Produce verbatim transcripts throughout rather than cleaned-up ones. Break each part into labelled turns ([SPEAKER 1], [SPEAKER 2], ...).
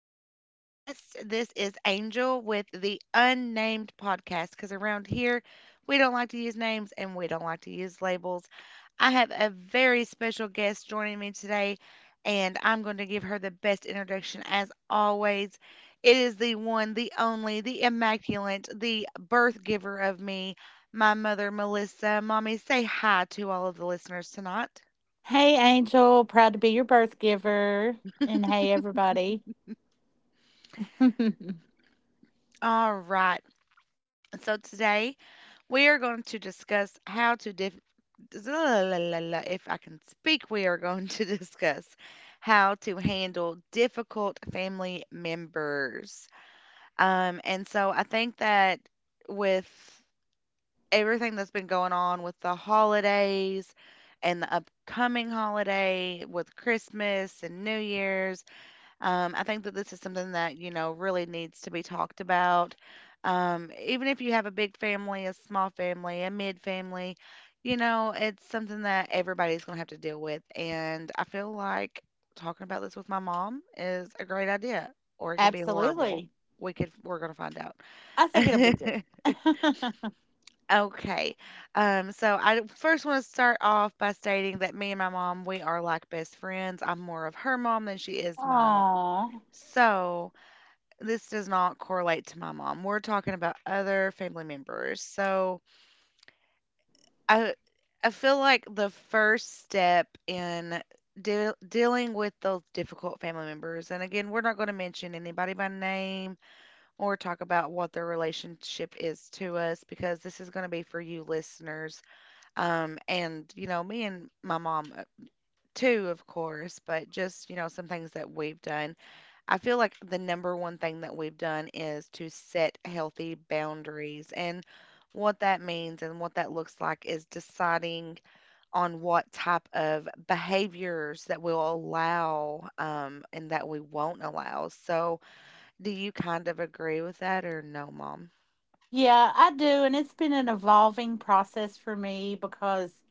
[SPEAKER 1] to my podcast. This is Angel with the Unnamed Podcast because around here we don't like to use names and we don't like to use labels. I have a very special guest joining me today, and I'm going to give her the best introduction as always. It is the one, the only, the immaculate, the birth giver of me, my mother, Melissa. Mommy, say hi to all of the listeners tonight.
[SPEAKER 2] Hey, Angel. Proud to be your birth giver. And hey, everybody.
[SPEAKER 1] All right. So today, We are going to discuss how to dif- if I can speak, we are going to discuss how to handle difficult family members. Um, and so I think that with everything that's been going on with the holidays and the upcoming holiday with Christmas and New Year's, um, I think that this is something that you know, really needs to be talked about. Um, even if you have a big family, a small family, a mid family, you know, it's something that everybody's going to have to deal with. And I feel like talking about this with my mom is a great idea, or it could be horrible.
[SPEAKER 2] Absolutely.
[SPEAKER 1] We could, we're going to find out.
[SPEAKER 2] I think it'll be good.
[SPEAKER 1] Okay. Um, so I first want to start off by stating that me and my mom, we are like best friends. I'm more of her mom than she is mine.
[SPEAKER 2] Aw.
[SPEAKER 1] So this does not correlate to my mom. We're talking about other family members. So I I feel like the first step in deal dealing with those difficult family members, and again, we're not going to mention anybody by name or talk about what their relationship is to us because this is going to be for you listeners. Um, and you know, me and my mom uh, too, of course, but just you know, some things that we've done. I feel like the number one thing that we've done is to set healthy boundaries. And what that means and what that looks like is deciding on what type of behaviors that we'll allow um, and that we won't allow. So, do you kind of agree with that or no, mom?
[SPEAKER 2] Yeah, I do. And it's been an evolving process for me because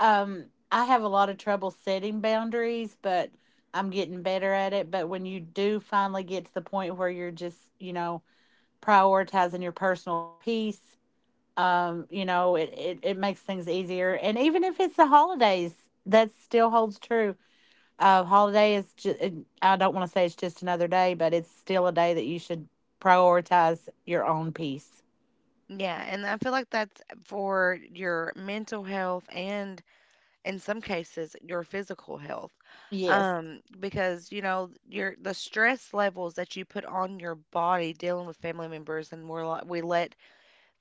[SPEAKER 2] um, I have a lot of trouble setting boundaries, but I'm getting better at it. But when you do finally get to the point where you're just, you know, prioritizing your personal peace. Um, you know, it, it, it makes things easier. And even if it's the holidays, that still holds true. Uh, holiday is, ju- and I don't want to say it's just another day, but it's still a day that you should prioritize your own peace.
[SPEAKER 1] Yeah, and I feel like that's for your mental health and in some cases your physical health,
[SPEAKER 2] Yes,
[SPEAKER 1] um because you know your the stress levels that you put on your body dealing with family members. And we're like, we let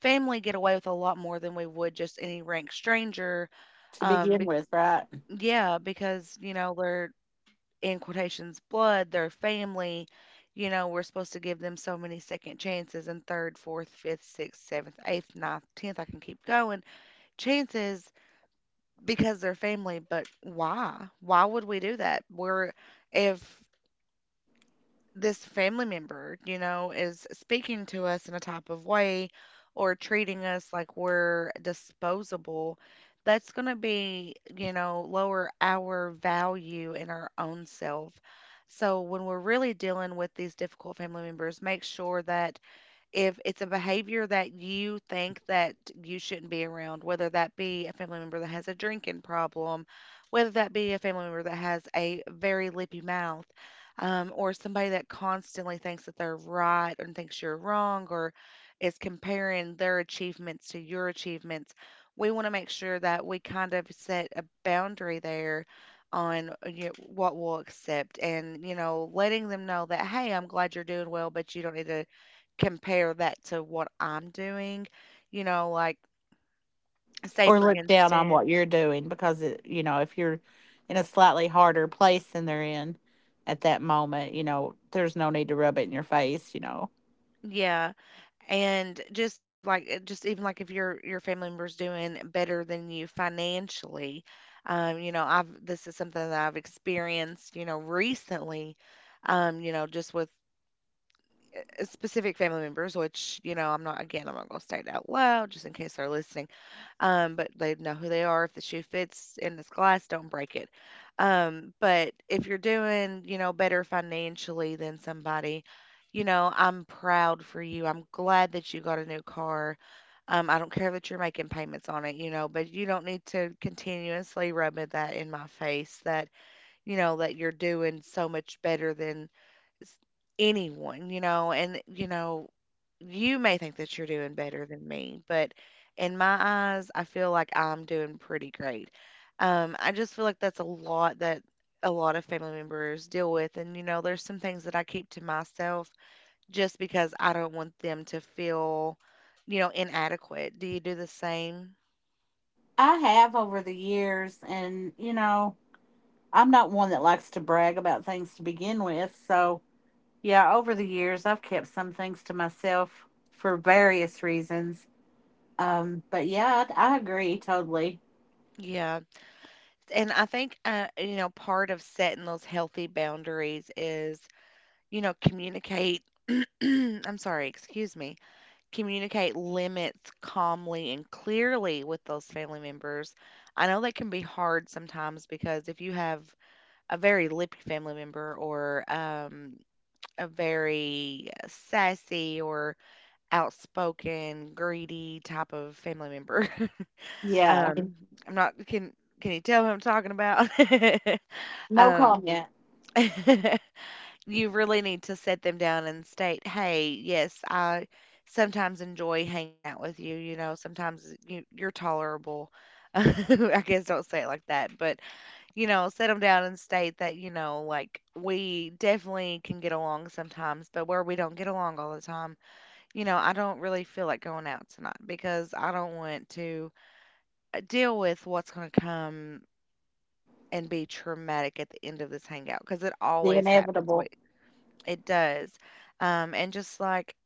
[SPEAKER 1] family get away with a lot more than we would just any rank stranger.
[SPEAKER 2] to
[SPEAKER 1] um
[SPEAKER 2] begin
[SPEAKER 1] be,
[SPEAKER 2] with, right?
[SPEAKER 1] yeah, because you know they're in quotations blood, their family. You know, we're supposed to give them so many second chances and third, fourth, fifth, sixth, seventh, eighth, ninth, tenth, I can keep going chances because they're family, but why? Why would we do that? We're If this family member, you know, is speaking to us in a type of way or treating us like we're disposable, that's going to be, you know, lower our value in our own self. So when we're really dealing with these difficult family members, make sure that if it's a behavior that you think that you shouldn't be around, whether that be a family member that has a drinking problem, whether that be a family member that has a very lippy mouth, um, or somebody that constantly thinks that they're right and thinks you're wrong, or is comparing their achievements to your achievements, we want to make sure that we kind of set a boundary there on uh, you know, what we'll accept, and you know, letting them know that, hey, I'm glad you're doing well, but you don't need to compare that to what I'm doing, you know, like say
[SPEAKER 2] Or
[SPEAKER 1] for
[SPEAKER 2] look down on
[SPEAKER 1] instance.
[SPEAKER 2] what you're doing because, it, you know, if you're in a slightly harder place than they're in at that moment, you know, there's no need to rub it in your face, you know.
[SPEAKER 1] Yeah, and just if like, uh, just even like if your your family member's doing better than you financially, um, you know, I've this is something that I've experienced, you know, recently, um, you know, just with uh, specific family members, which you know, I'm not again, I'm not gonna state it out loud just in case they're listening, um, but they know who they are. If the shoe fits in this glass, don't break it. Um, but if you're doing, you know, better financially than somebody, you know, I'm proud for you. I'm glad that you got a new car. Um, I don't care that you're making payments on it, you know, but you don't need to continuously rub it that in my face that, you know, that you're doing so much better than s- anyone, you know, and you know, you may think that you're doing better than me, but in my eyes, I feel like I'm doing pretty great. Um, I just feel like that's a lot that a lot of family members deal with, and you know, there's some things that I keep to myself just because I don't want them to feel, you know, inadequate. Do you do the same?
[SPEAKER 2] I have over the years, and, you know, I'm not one that likes to brag about things to begin with, so yeah, over the years I've kept some things to myself for various reasons. Um, but yeah, I, I agree totally.
[SPEAKER 1] Yeah. And I think, uh, you know, part of setting those healthy boundaries is you know, communicate. I'm sorry, excuse me. Communicate limits calmly and clearly with those family members. I know that can be hard sometimes because if you have a very lippy family member or um, a very sassy or outspoken, greedy type of family member,
[SPEAKER 2] Yeah,
[SPEAKER 1] um, I'm not can can you tell who I'm talking about?
[SPEAKER 2] no
[SPEAKER 1] um,
[SPEAKER 2] comment.
[SPEAKER 1] You really need to set them down and state, "Hey, yes, I sometimes enjoy hanging out with you, you know, sometimes you you're tolerable." I guess don't say it like that, but you know, set them down and state that, you know, like we definitely can get along sometimes, but where we don't get along all the time, you know, I don't really feel like going out tonight because I don't want to uh, deal with what's going to come and be traumatic at the end of this hangout because it
[SPEAKER 2] The
[SPEAKER 1] always happens.
[SPEAKER 2] inevitable.
[SPEAKER 1] It does. Um, and just like,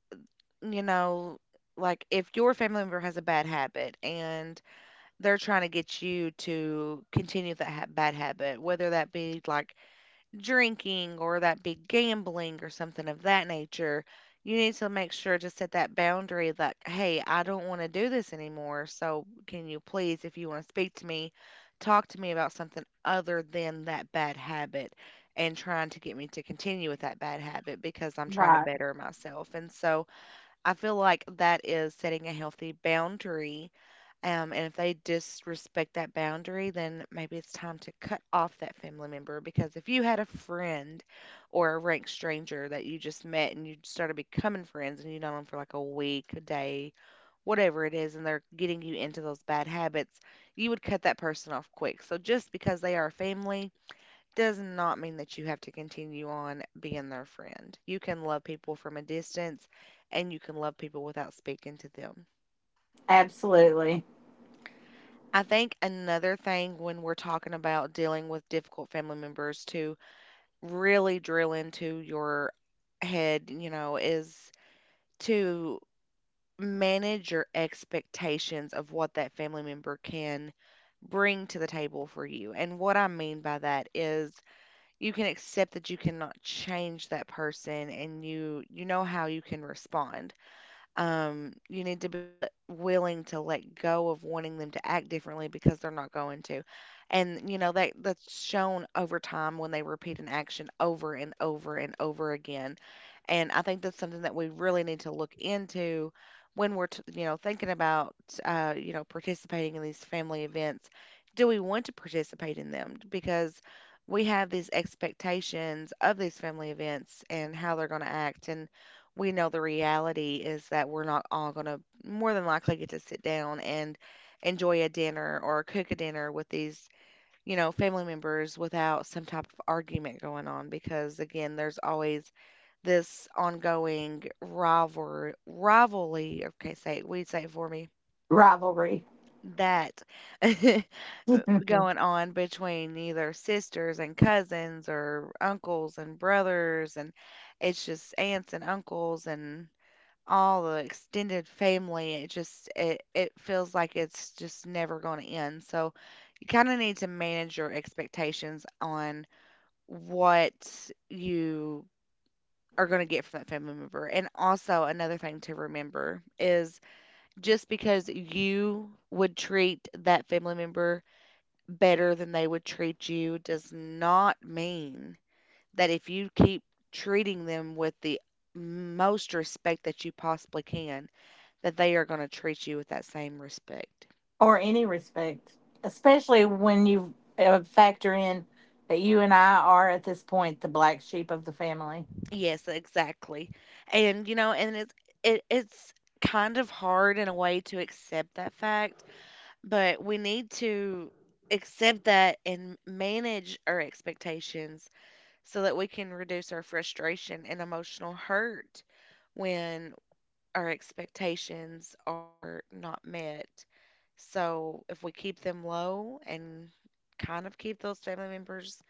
[SPEAKER 1] you know, like if your family member has a bad habit and they're trying to get you to continue that ha- bad habit, whether that be like drinking or that big gambling or something of that nature, you need to make sure to set that boundary that, hey, I don't want to do this anymore. So can you please, if you want to speak to me, talk to me about something other than that bad habit and trying to get me to continue with that bad habit because I'm trying to
[SPEAKER 2] Right.
[SPEAKER 1] better myself. And so I feel like that is setting a healthy boundary, um, and if they disrespect that boundary, then maybe it's time to cut off that family member. Because if you had a friend or a rank stranger that you just met and you started becoming friends and you know them for like a week, a day, whatever it is, and they're getting you into those bad habits, you would cut that person off quick. So just because they are family does not mean that you have to continue on being their friend. You can love people from a distance and you can love people without speaking to them.
[SPEAKER 2] Absolutely.
[SPEAKER 1] I think another thing when we're talking about dealing with difficult family members to really drill into your head, you know, is to manage your expectations of what that family member can bring to the table for you. And what I mean by that is you can accept that you cannot change that person and you you know how you can respond. Um, you need to be let, willing to let go of wanting them to act differently because they're not going to. And you know that that's shown over time when they repeat an action over and over and over again. And I think that's something that we really need to look into when we're t- you know thinking about uh, you know participating in these family events. Do we want to participate in them? Because we have these expectations of these family events and how they're going to act, and we know the reality is that we're not all going to more than likely get to sit down and enjoy a dinner or cook a dinner with these, you know, family members without some type of argument going on. Because again, there's always this ongoing rivalry rivalry, okay, say we say it for me
[SPEAKER 2] Rivalry.
[SPEAKER 1] that going on between either sisters and cousins or uncles and brothers, and it's just aunts and uncles and all the extended family. It just it it feels like it's just never going to end. So you kind of need to manage your expectations on what you are going to get from that family member. And also another thing to remember is just because you would treat that family member better than they would treat you does not mean that if you keep treating them with the most respect that you possibly can, that they are gonna treat you with that same respect.
[SPEAKER 2] Or any respect, especially when you uh, factor in that you and I are at this point the black sheep of the family.
[SPEAKER 1] Yes, exactly. And, you know, and it's it, it's kind of hard in a way to accept that fact, but we need to accept that and manage our expectations so that we can reduce our frustration and emotional hurt when our expectations are not met. So if we keep them low and kind of keep those family members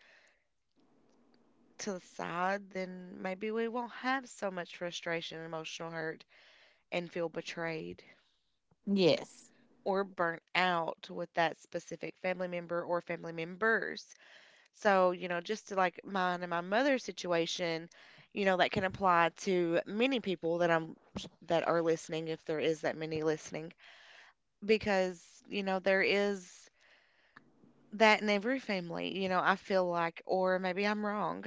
[SPEAKER 1] to the side, then maybe we won't have so much frustration, emotional hurt, and feel betrayed
[SPEAKER 2] Yes.
[SPEAKER 1] or burnt out with that specific family member or family members. So, you know, just to like mine and my mother's situation, you know, that can apply to many people that I'm that are listening, if there is that many listening, because, you know, there is that in every family, you know, I feel like, or maybe I'm wrong,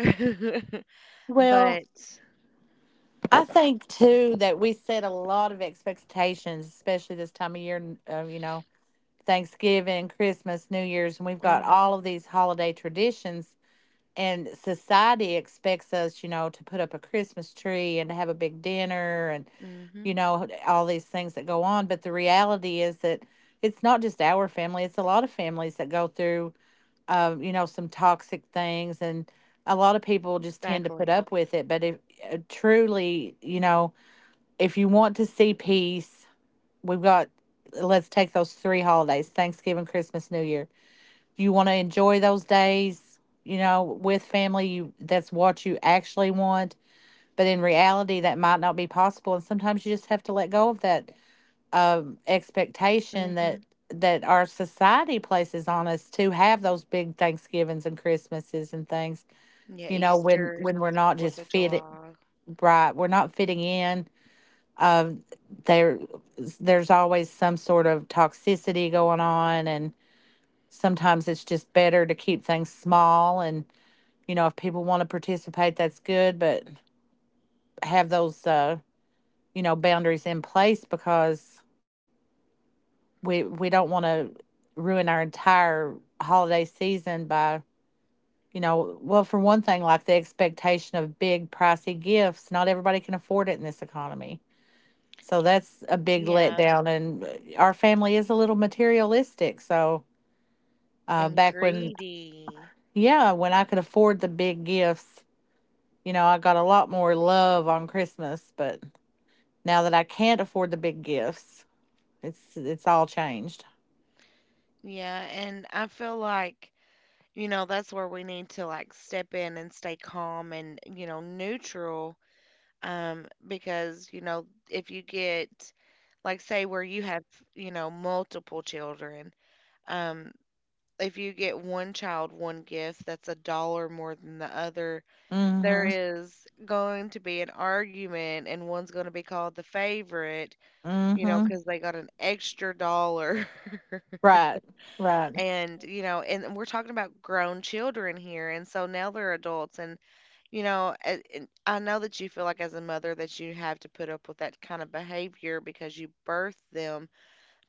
[SPEAKER 2] Well,
[SPEAKER 1] but.
[SPEAKER 2] I think too that we set a lot of expectations, especially this time of year. Uh, you know, Thanksgiving, Christmas, New Year's, and we've got
[SPEAKER 1] Mm-hmm.
[SPEAKER 2] all of these holiday traditions. And society expects us, you know, to put up a Christmas tree and to have a big dinner, and,
[SPEAKER 1] Mm-hmm.
[SPEAKER 2] you know, all these things that go on. But the reality is that it's not just our family, it's a lot of families that go through, um, you know, some toxic things. And a lot of people just tend to put
[SPEAKER 1] Exactly.
[SPEAKER 2] up with it. But if uh, truly, you know, if you want to see peace, we've got, let's take those three holidays, Thanksgiving, Christmas, New Year. You want to enjoy those days, you know, with family, you that's what you actually want, but in reality that might not be possible and sometimes you just have to let go of that um expectation that
[SPEAKER 1] Mhm.
[SPEAKER 2] that our society places on us to have those big Thanksgivings and Christmases and things,
[SPEAKER 1] Yeah,
[SPEAKER 2] you know, when
[SPEAKER 1] Easter's.
[SPEAKER 2] when we're not
[SPEAKER 1] Fourth
[SPEAKER 2] just
[SPEAKER 1] of
[SPEAKER 2] fitting
[SPEAKER 1] July.
[SPEAKER 2] right, we're not fitting in. um, there there's always some sort of toxicity going on, and sometimes it's just better to keep things small, and you know if people want to participate that's good, but have those uh you know boundaries in place, because we we don't want to ruin our entire holiday season by, you know, well, for one thing like the expectation of big pricey gifts, not everybody can afford it in this economy. So that's a big
[SPEAKER 1] Yeah,
[SPEAKER 2] letdown. And uh, our family is a little materialistic. So uh,
[SPEAKER 1] and
[SPEAKER 2] back when,
[SPEAKER 1] greedy.
[SPEAKER 2] yeah, when I could afford the big gifts, you know, I got a lot more love on Christmas. But now that I can't afford the big gifts, it's it's all changed.
[SPEAKER 1] Yeah, and I feel like, you know, that's where we need to like step in and stay calm and, you know, neutral. Um, because, you know, if you get like say where you have, you know, multiple children, um, if you get one child one gift that's a dollar more than the other, there
[SPEAKER 2] Mm-hmm.
[SPEAKER 1] is going to be an argument and one's going to be called the favorite, you know,
[SPEAKER 2] Mm-hmm.
[SPEAKER 1] because they got an extra dollar.
[SPEAKER 2] Right. Right.
[SPEAKER 1] And, you know, and we're talking about grown children here. And so now they're adults. And, you know, a- and I know that you feel like as a mother that you have to put up with that kind of behavior because you birthed them.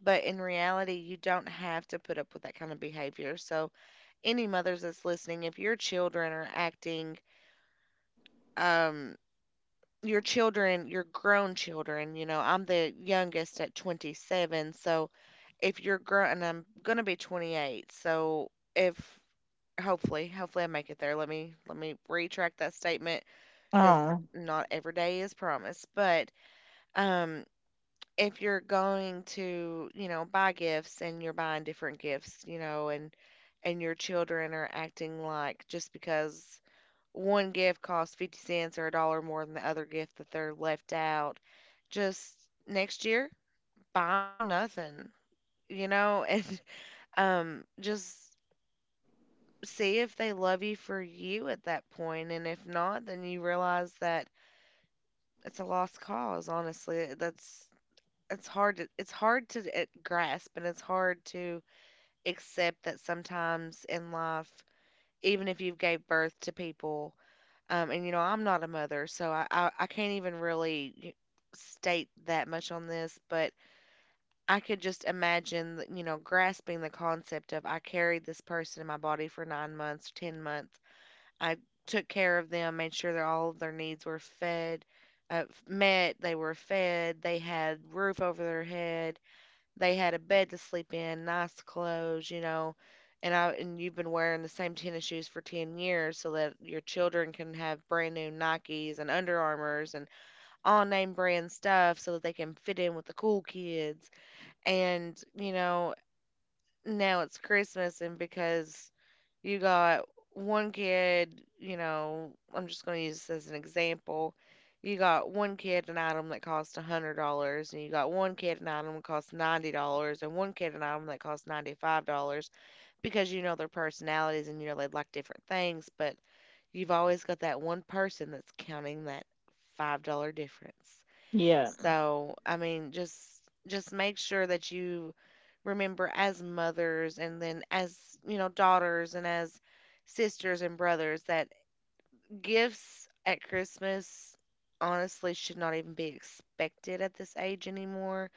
[SPEAKER 1] But in reality, you don't have to put up with that kind of behavior. So, any mothers that's listening, if your children are acting, um, your children, your grown children, you know, I'm the youngest at twenty-seven, so if you're grown, and I'm gonna be twenty-eight, so if hopefully, hopefully I make it there. Let me let me retract that statement because
[SPEAKER 2] Oh,
[SPEAKER 1] not every day is promised. But um, if you're going to, you know, buy gifts and you're buying different gifts, you know, and and your children are acting like just because one gift costs fifty cents or a dollar more than the other gift that they're left out. Just next year, buy them nothing, you know, and um, just see if they love you for you at that point. And if not, then you realize that it's a lost cause, honestly. That's it's hard to it's hard to uh, grasp, and it's hard to accept that sometimes in life, even if you've gave birth to people. Um, and you know, I'm not a mother, so I, I, I can't even really y- state that much on this, but I could just imagine that, you know, grasping the concept of I carried this person in my body for nine months, ten months. I took care of them, made sure that all of their needs were fed, uh, f- met, they were fed, they had roof over their head, they had a bed to sleep in, nice clothes, you know, and I and you've been wearing the same tennis shoes for ten years so that your children can have brand new Nikes and Under Armours and all name brand stuff so that they can fit in with the cool kids. And, you know, now it's Christmas, and because you got one kid, you know, I'm just going to use this as an example. You got one kid an item that costs one hundred dollars and you got one kid an item that costs ninety dollars and one kid an item that costs ninety-five dollars because you know their personalities and you know they like different things, but you've always got that one person that's counting that five dollars difference.
[SPEAKER 2] yeah.
[SPEAKER 1] So, I mean, just just make sure that you remember as mothers and then as, you know, daughters and as sisters and brothers that gifts at Christmas honestly should not even be expected at this age anymore.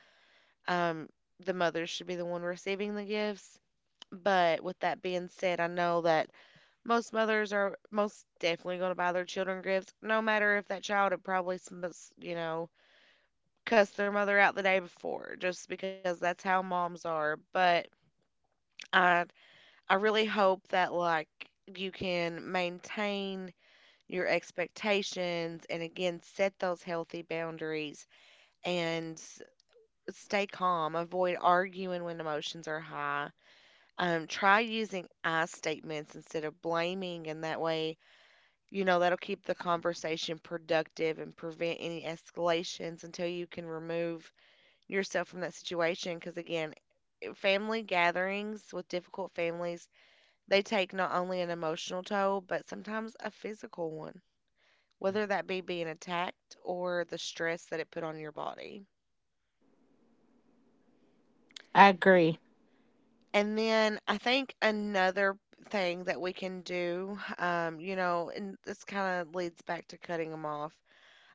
[SPEAKER 1] Um, the mothers should be the one receiving the gifts. But with that being said, I know that most mothers are most definitely going to buy their children gifts, no matter if that child had probably, sm- s- you know, cuss their mother out the day before just because that's how moms are. But I I really hope that like you can maintain your expectations and again set those healthy boundaries and s- stay calm. Avoid arguing when emotions are high. Um, try using I statements instead of blaming, and that way, you know, that'll keep the conversation productive and prevent any escalations until you can remove yourself from that situation. Because again, family gatherings with difficult families, they take not only an emotional toll, but sometimes a physical one, whether that be being attacked or the stress that it put on your body.
[SPEAKER 2] I agree.
[SPEAKER 1] And then I think another thing that we can do, um, you know, and this kind of leads back to cutting them off.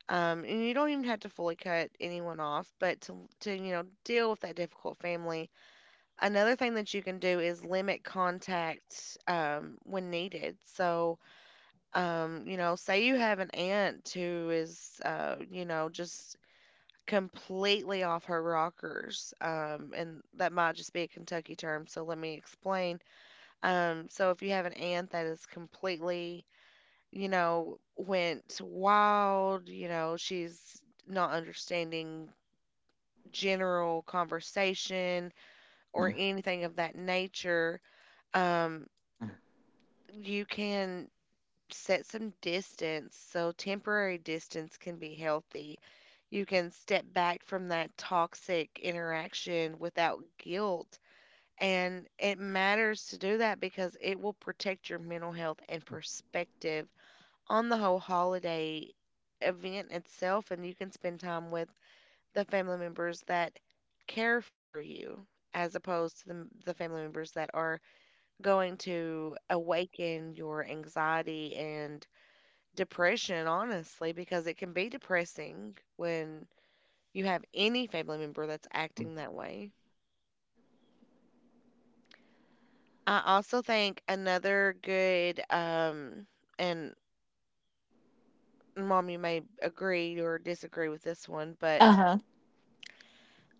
[SPEAKER 1] Um, and you don't even have to fully cut anyone off, but to, to, you know, deal with that difficult family, another thing that you can do is limit contact um, when needed. So, um, you know, say you have an aunt who is, uh, you know, just completely off her rockers, um, and that might just be a Kentucky term, so let me explain. Um, so if you have an aunt that is completely, you know, went wild, you know, she's not understanding general conversation or
[SPEAKER 2] Mm.
[SPEAKER 1] anything of that nature, um, you can set some distance, so temporary distance can be healthy. You can step back from that toxic interaction without guilt. And it matters to do that because it will protect your mental health and perspective on the whole holiday event itself. And you can spend time with the family members that care for you as opposed to the, the family members that are going to awaken your anxiety and depression, honestly, because it can be depressing when you have any family member that's acting that way. I also think another good, um, and mom, you may agree or disagree with this one, but
[SPEAKER 2] Uh-huh.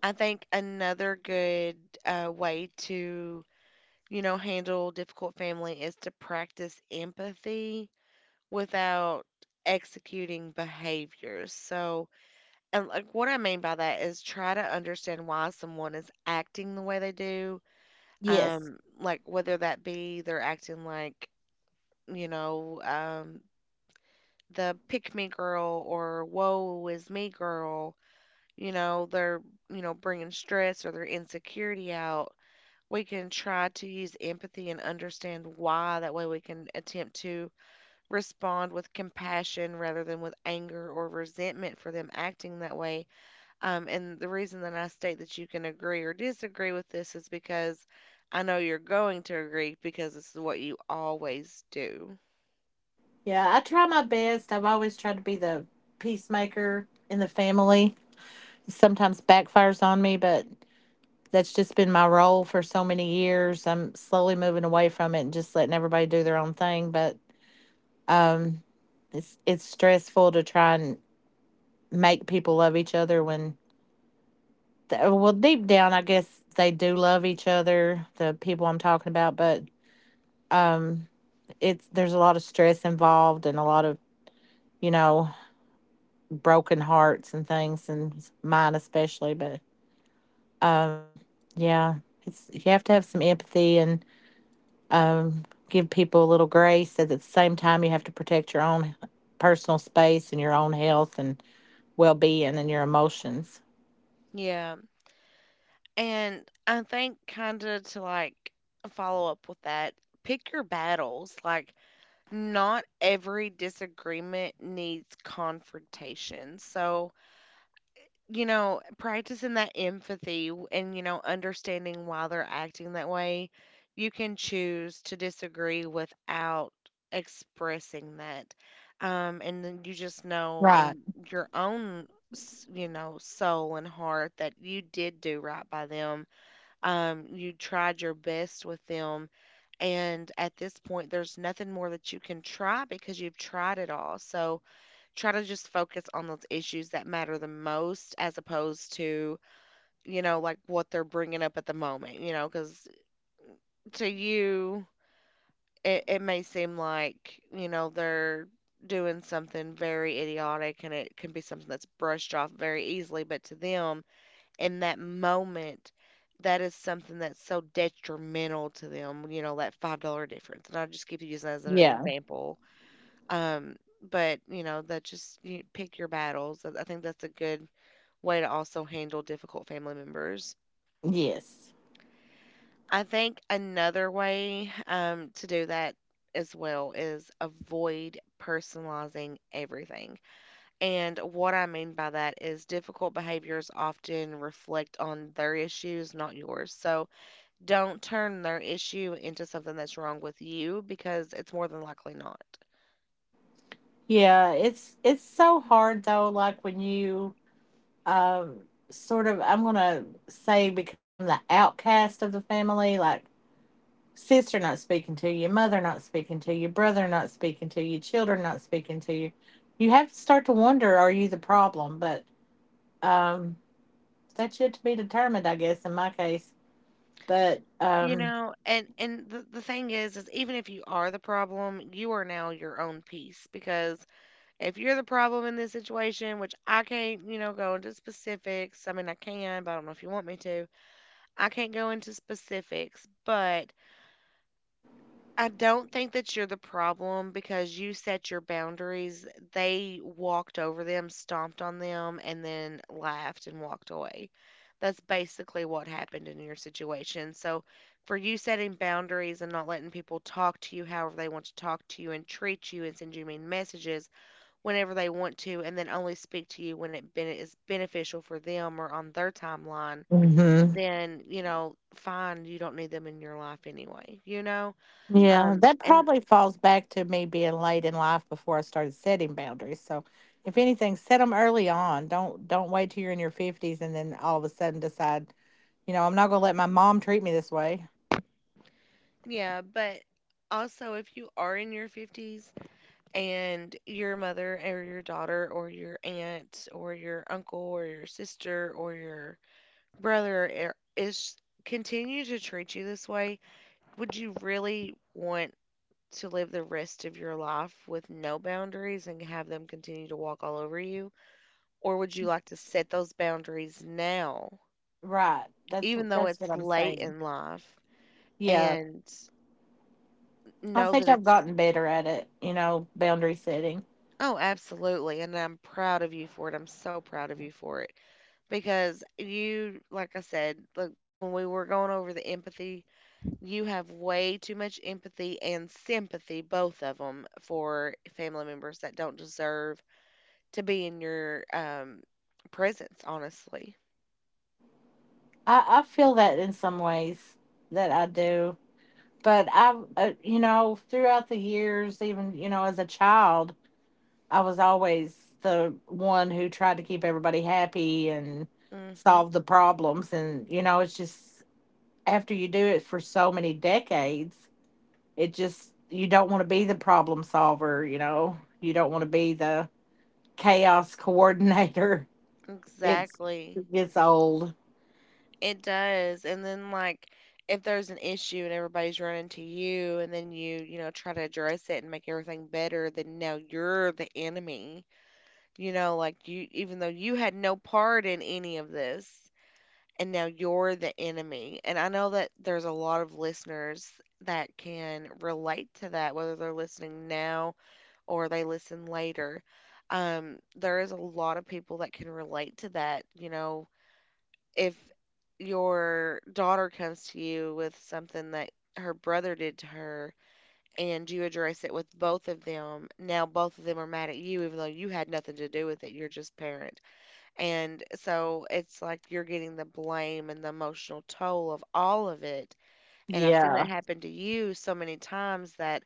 [SPEAKER 1] I think another good uh, way to, you know, handle difficult family is to practice empathy without executing behaviors. So, and, like, what I mean by that is try to understand why someone is acting the way they do,
[SPEAKER 2] Yes.
[SPEAKER 1] um, like, whether that be they're acting like, you know, um, the pick me girl or woe is me girl, you know, they're, you know, bringing stress or their insecurity out. We can try to use empathy and understand why. That way we can attempt to respond with compassion rather than with anger or resentment for them acting that way. Um, and the reason that I state that you can agree or disagree with this is because I know you're going to agree because this is what you always do.
[SPEAKER 2] Yeah, I try my best. I've always tried to be the peacemaker in the family. Sometimes backfires on me, but that's just been my role for so many years. I'm slowly moving away from it and just letting everybody do their own thing. But it's it's stressful to try and make people love each other when, th- well, deep down, I guess they do love each other, the people I'm talking about. But um, it's there's a lot of stress involved and a lot of, you know, broken hearts and things, and mine especially. But um, yeah, it's you have to have some empathy and, um, give people a little grace. At the same time, you have to protect your own personal space and your own health and well being and your emotions.
[SPEAKER 1] Yeah. And I think kind of to like follow up with that, pick your battles. Like, not every disagreement needs confrontation. So, you know, practicing that empathy w- and, you know, understanding why they're acting that way, you can choose to disagree without expressing that. Um, and then you just know
[SPEAKER 2] Right.
[SPEAKER 1] in your own, s- you know, soul and heart that you did do right by them. Um, you tried your best with them. And at this point, there's nothing more that you can try because you've tried it all. So, try to just focus on those issues that matter the most as opposed to, you know, like what they're bringing up at the moment, you know, because to you, it, it may seem like, you know, they're doing something very idiotic and it can be something that's brushed off very easily. But to them, in that moment, that is something that's so detrimental to them, you know, that five dollars difference. And I'll just keep using that as an
[SPEAKER 2] Yeah.
[SPEAKER 1] example. Um, but you know that just you pick your battles. I I think that's a good way to also handle difficult family members.
[SPEAKER 2] Yes.
[SPEAKER 1] I think another way um, to do that as well is avoid personalizing everything. And what I mean by that is difficult behaviors often reflect on their issues, not yours. So don't turn their issue into something that's wrong with you because it's more than likely not.
[SPEAKER 2] Yeah. It's it's so hard though. Like when you um, sort of, I'm gonna say, become the outcast of the family. Like sister not speaking to you, mother not speaking to you, brother not speaking to you, children not speaking to you. You have to start to wonder, are you the problem? But um, that's yet to be determined, I guess, in my case. But
[SPEAKER 1] You
[SPEAKER 2] um
[SPEAKER 1] know, and and the the thing is, is even if you are the problem, you are now your own piece because if you're the problem in this situation, which I can't, you know, go into specifics. I mean, I can, but I don't know if you want me to. I can't go into specifics, but I don't think that you're the problem because you set your boundaries. They walked over them, stomped on them, and then laughed and walked away. That's basically what happened in your situation. So, for you setting boundaries and not letting people talk to you however they want to talk to you and treat you and send you mean messages whenever they want to, and then only speak to you when it ben- is beneficial for them or on their timeline,
[SPEAKER 2] mhm.
[SPEAKER 1] then, you know, fine, you don't need them in your life anyway, you know?
[SPEAKER 2] Yeah,
[SPEAKER 1] Um,
[SPEAKER 2] that
[SPEAKER 1] and
[SPEAKER 2] probably falls back to me being late in life before I started setting boundaries. So if anything, set them early on. Don't don't wait till you're in your fifties and then all of a sudden decide, you know, I'm not gonna let my mom treat me this way.
[SPEAKER 1] Yeah, but also if you are in your fifties and your mother or your daughter or your aunt or your uncle or your sister or your brother er- is continue to treat you this way, would you really want to live the rest of your life with no boundaries and have them continue to walk all over you? Or would you like to set those boundaries now,
[SPEAKER 2] Right. That's
[SPEAKER 1] even though
[SPEAKER 2] that's what
[SPEAKER 1] it's
[SPEAKER 2] I'm
[SPEAKER 1] late
[SPEAKER 2] saying.
[SPEAKER 1] in life
[SPEAKER 2] Yeah.
[SPEAKER 1] and
[SPEAKER 2] I
[SPEAKER 1] know
[SPEAKER 2] think
[SPEAKER 1] that
[SPEAKER 2] I've
[SPEAKER 1] it's
[SPEAKER 2] gotten better at it, you know, boundary setting.
[SPEAKER 1] Oh, absolutely. And I'm proud of you for it. I'm so proud of you for it because you, like I said, like when we were going over the empathy, you have way too much empathy and sympathy, both of them, for family members that don't deserve to be in your um, presence, honestly.
[SPEAKER 2] I, I feel that in some ways that I do. But I've, uh, you know, throughout the years, even, you know, as a child, I was always the one who tried to keep everybody happy and
[SPEAKER 1] Mm hmm
[SPEAKER 2] solve the problems. And, you know, it's just after you do it for so many decades, it just, you don't want to be the problem solver, you know, you don't want to be the chaos coordinator. It's,
[SPEAKER 1] Exactly.
[SPEAKER 2] it gets old.
[SPEAKER 1] It does. And then, like, if there's an issue and everybody's running to you and then you, you know, try to address it and make everything better, then now you're the enemy. You know, like, you even though you had no part in any of this and now you're the enemy. And I know that there's a lot of listeners that can relate to that, whether they're listening now or they listen later. Um, there is a lot of people that can relate to that, you know, if your daughter comes to you with something that her brother did to her and you address it with both of them, now both of them are mad at you, even though you had nothing to do with it. You're just parent. And so it's like you're getting the blame and the emotional toll of all of it. And I've seen
[SPEAKER 2] Yeah.
[SPEAKER 1] that happen to you so many times that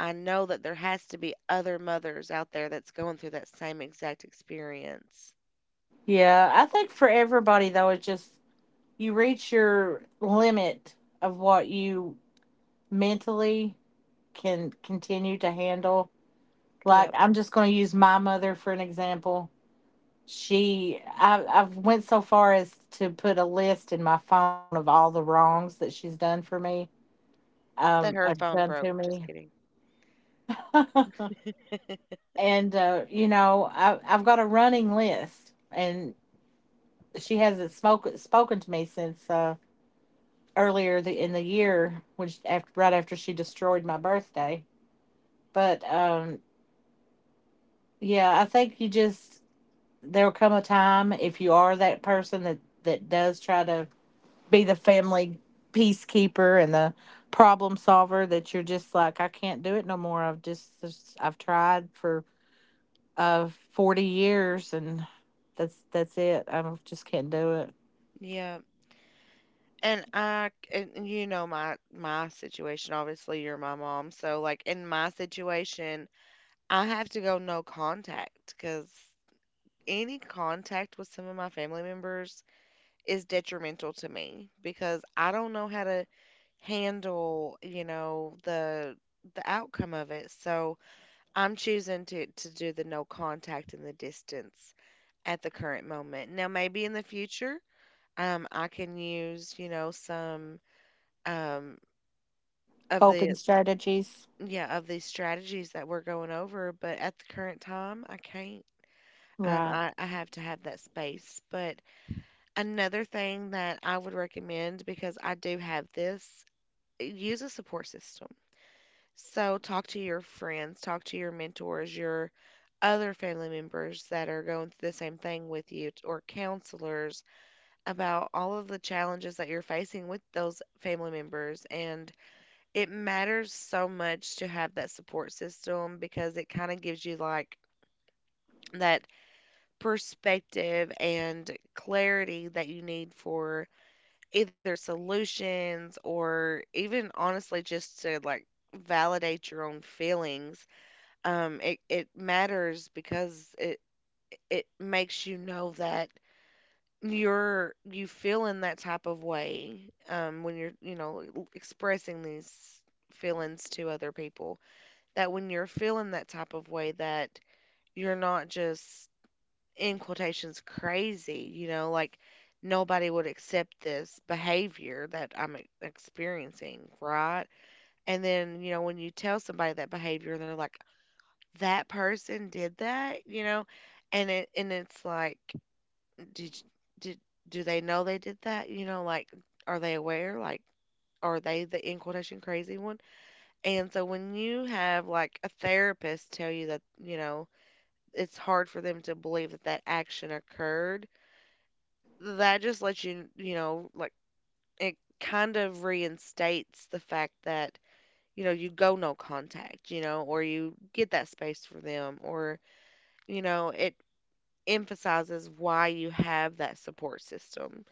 [SPEAKER 1] I know that there has to be other mothers out there that's going through that same exact experience.
[SPEAKER 2] Yeah. I think for everybody, though, it just, you reach your limit of what you mentally can continue to handle. Like
[SPEAKER 1] Yep.
[SPEAKER 2] I'm just going to use my mother for an example. She I, i've went so far as to put a list in my phone of all the wrongs that she's done for me,
[SPEAKER 1] That
[SPEAKER 2] um
[SPEAKER 1] her
[SPEAKER 2] uh,
[SPEAKER 1] phone
[SPEAKER 2] done
[SPEAKER 1] broke.
[SPEAKER 2] to
[SPEAKER 1] Just
[SPEAKER 2] me.
[SPEAKER 1] kidding.
[SPEAKER 2] And uh you know I, i've got a running list, and she hasn't spoken spoken to me since uh earlier the, in the year, when after, right after she destroyed my birthday. But um, yeah, I think you just, there will come a time if you are that person that that does try to be the family peacekeeper and the problem solver, that you're just like, I can't do it no more. I've just just- I've tried for uh forty years and that's that's it. I don't- just can't do it.
[SPEAKER 1] Yep. And I, and and you know my my situation, obviously, you're my mom, so, like, in my situation, I have to go no contact because any contact with some of my family members is detrimental to me because I don't know how to handle, you know, the the outcome of it, so I'm choosing to to do the no contact and the distance at the current moment. Now maybe in the future, um, I can use, you know, some, um Of
[SPEAKER 2] Coping
[SPEAKER 1] the
[SPEAKER 2] strategies.
[SPEAKER 1] yeah, of these strategies that we're going over, but at the current time, I can't. Um,
[SPEAKER 2] Right.
[SPEAKER 1] I, I have to have that space. But another thing that I would recommend, because I do have this, uh, use a support system. So talk to your friends, talk to your mentors, your other family members that are going through the same thing with you, or counselors about all of the challenges that you're facing with those family members. And it matters so much to have that support system because it kind of gives you like that perspective and clarity that you need for either solutions or even honestly just to, like, validate your own feelings. Um it it matters because it it makes you know that you're you feel in that type of way um when you're, you know, expressing these feelings to other people, that when you're feeling that type of way that you're not just in quotations crazy, you know, like nobody would accept this behavior that I'm e- experiencing, right? And then, you know, when you tell somebody that behavior, they're like, that person did that, you know, and it and it's like, did did do they know they did that? You know, like, are they aware? Like, are they the in quotation crazy one? And so when you have, like, a therapist tell you that, you know, it's hard for them to believe that that action occurred. That just lets you, you know, like, it kind of reinstates the fact that, you know, you go no contact, you know, or you get that space for them, or, you know, it emphasizes why you have that support system,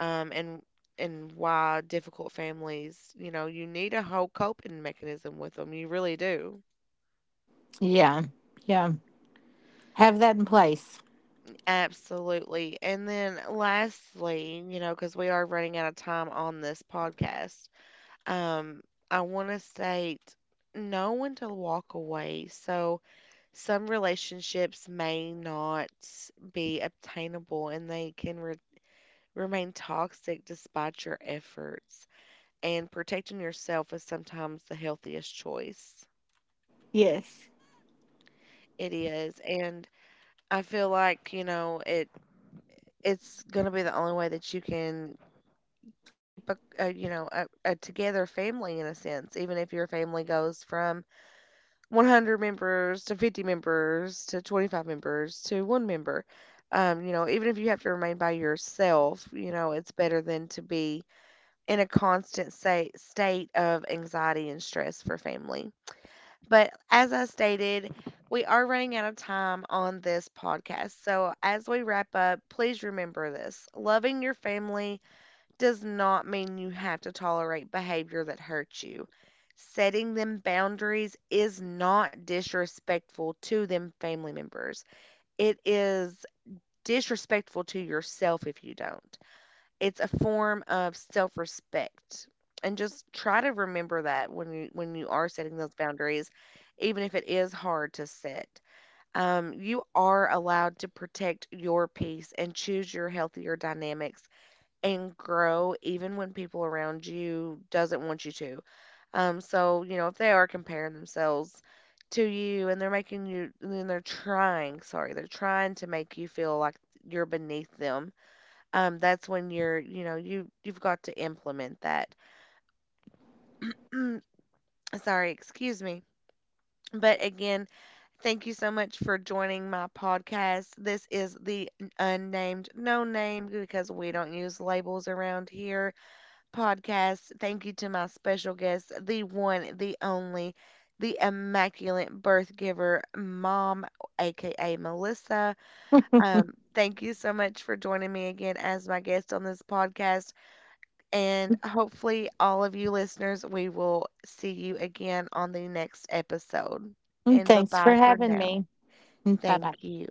[SPEAKER 1] um, and and why difficult families, you know, you need a whole coping mechanism with them. You really do.
[SPEAKER 2] Yeah. Yeah. Have that in place.
[SPEAKER 1] Absolutely. And then lastly, you know, because we are running out of time on this podcast, um, I want to state know when to walk away. So some relationships may not be obtainable and they can re- remain toxic despite your efforts. And protecting yourself is sometimes the healthiest choice.
[SPEAKER 2] Yes.
[SPEAKER 1] It is. And I feel like, you know, it it's going to be the only way that you can keep a, a you know a, a together family in a sense, even if your family goes from one hundred members to fifty members to twenty-five members to one member. Um, you know, even if you have to remain by yourself, you know, it's better than to be in a constant sa state of anxiety and stress for family. But as I stated, we are running out of time on this podcast, so as we wrap up, please remember this: loving your family does not mean you have to tolerate behavior that hurts you. Setting them boundaries is not disrespectful to them family members. It is disrespectful to yourself if you don't. It's a form of self-respect. And just try to remember that when you when you are setting those boundaries, even if it is hard to set. Um, you are allowed to protect your peace and choose your healthier dynamics and grow even when people around you doesn't want you to. Um, so, you know, if they are comparing themselves to you and they're making you and they're trying, sorry, they're trying to make you feel like you're beneath them. Um, that's when you're you know you you've got to implement that. Mm, Sorry, excuse me. But again, thank you so much for joining my podcast. This is the unnamed, no name because we don't use labels around here, podcast. Thank you to my special guest, the one, the only, the immaculate birth giver, mom, aka Melissa. Um, thank you so much for joining me again as my guest on this podcast. And hopefully, all of you listeners, we will see you again on the next episode.
[SPEAKER 2] And
[SPEAKER 1] And bye
[SPEAKER 2] thanks for
[SPEAKER 1] bye for
[SPEAKER 2] having
[SPEAKER 1] now.
[SPEAKER 2] me. Bye bye.
[SPEAKER 1] Thank you.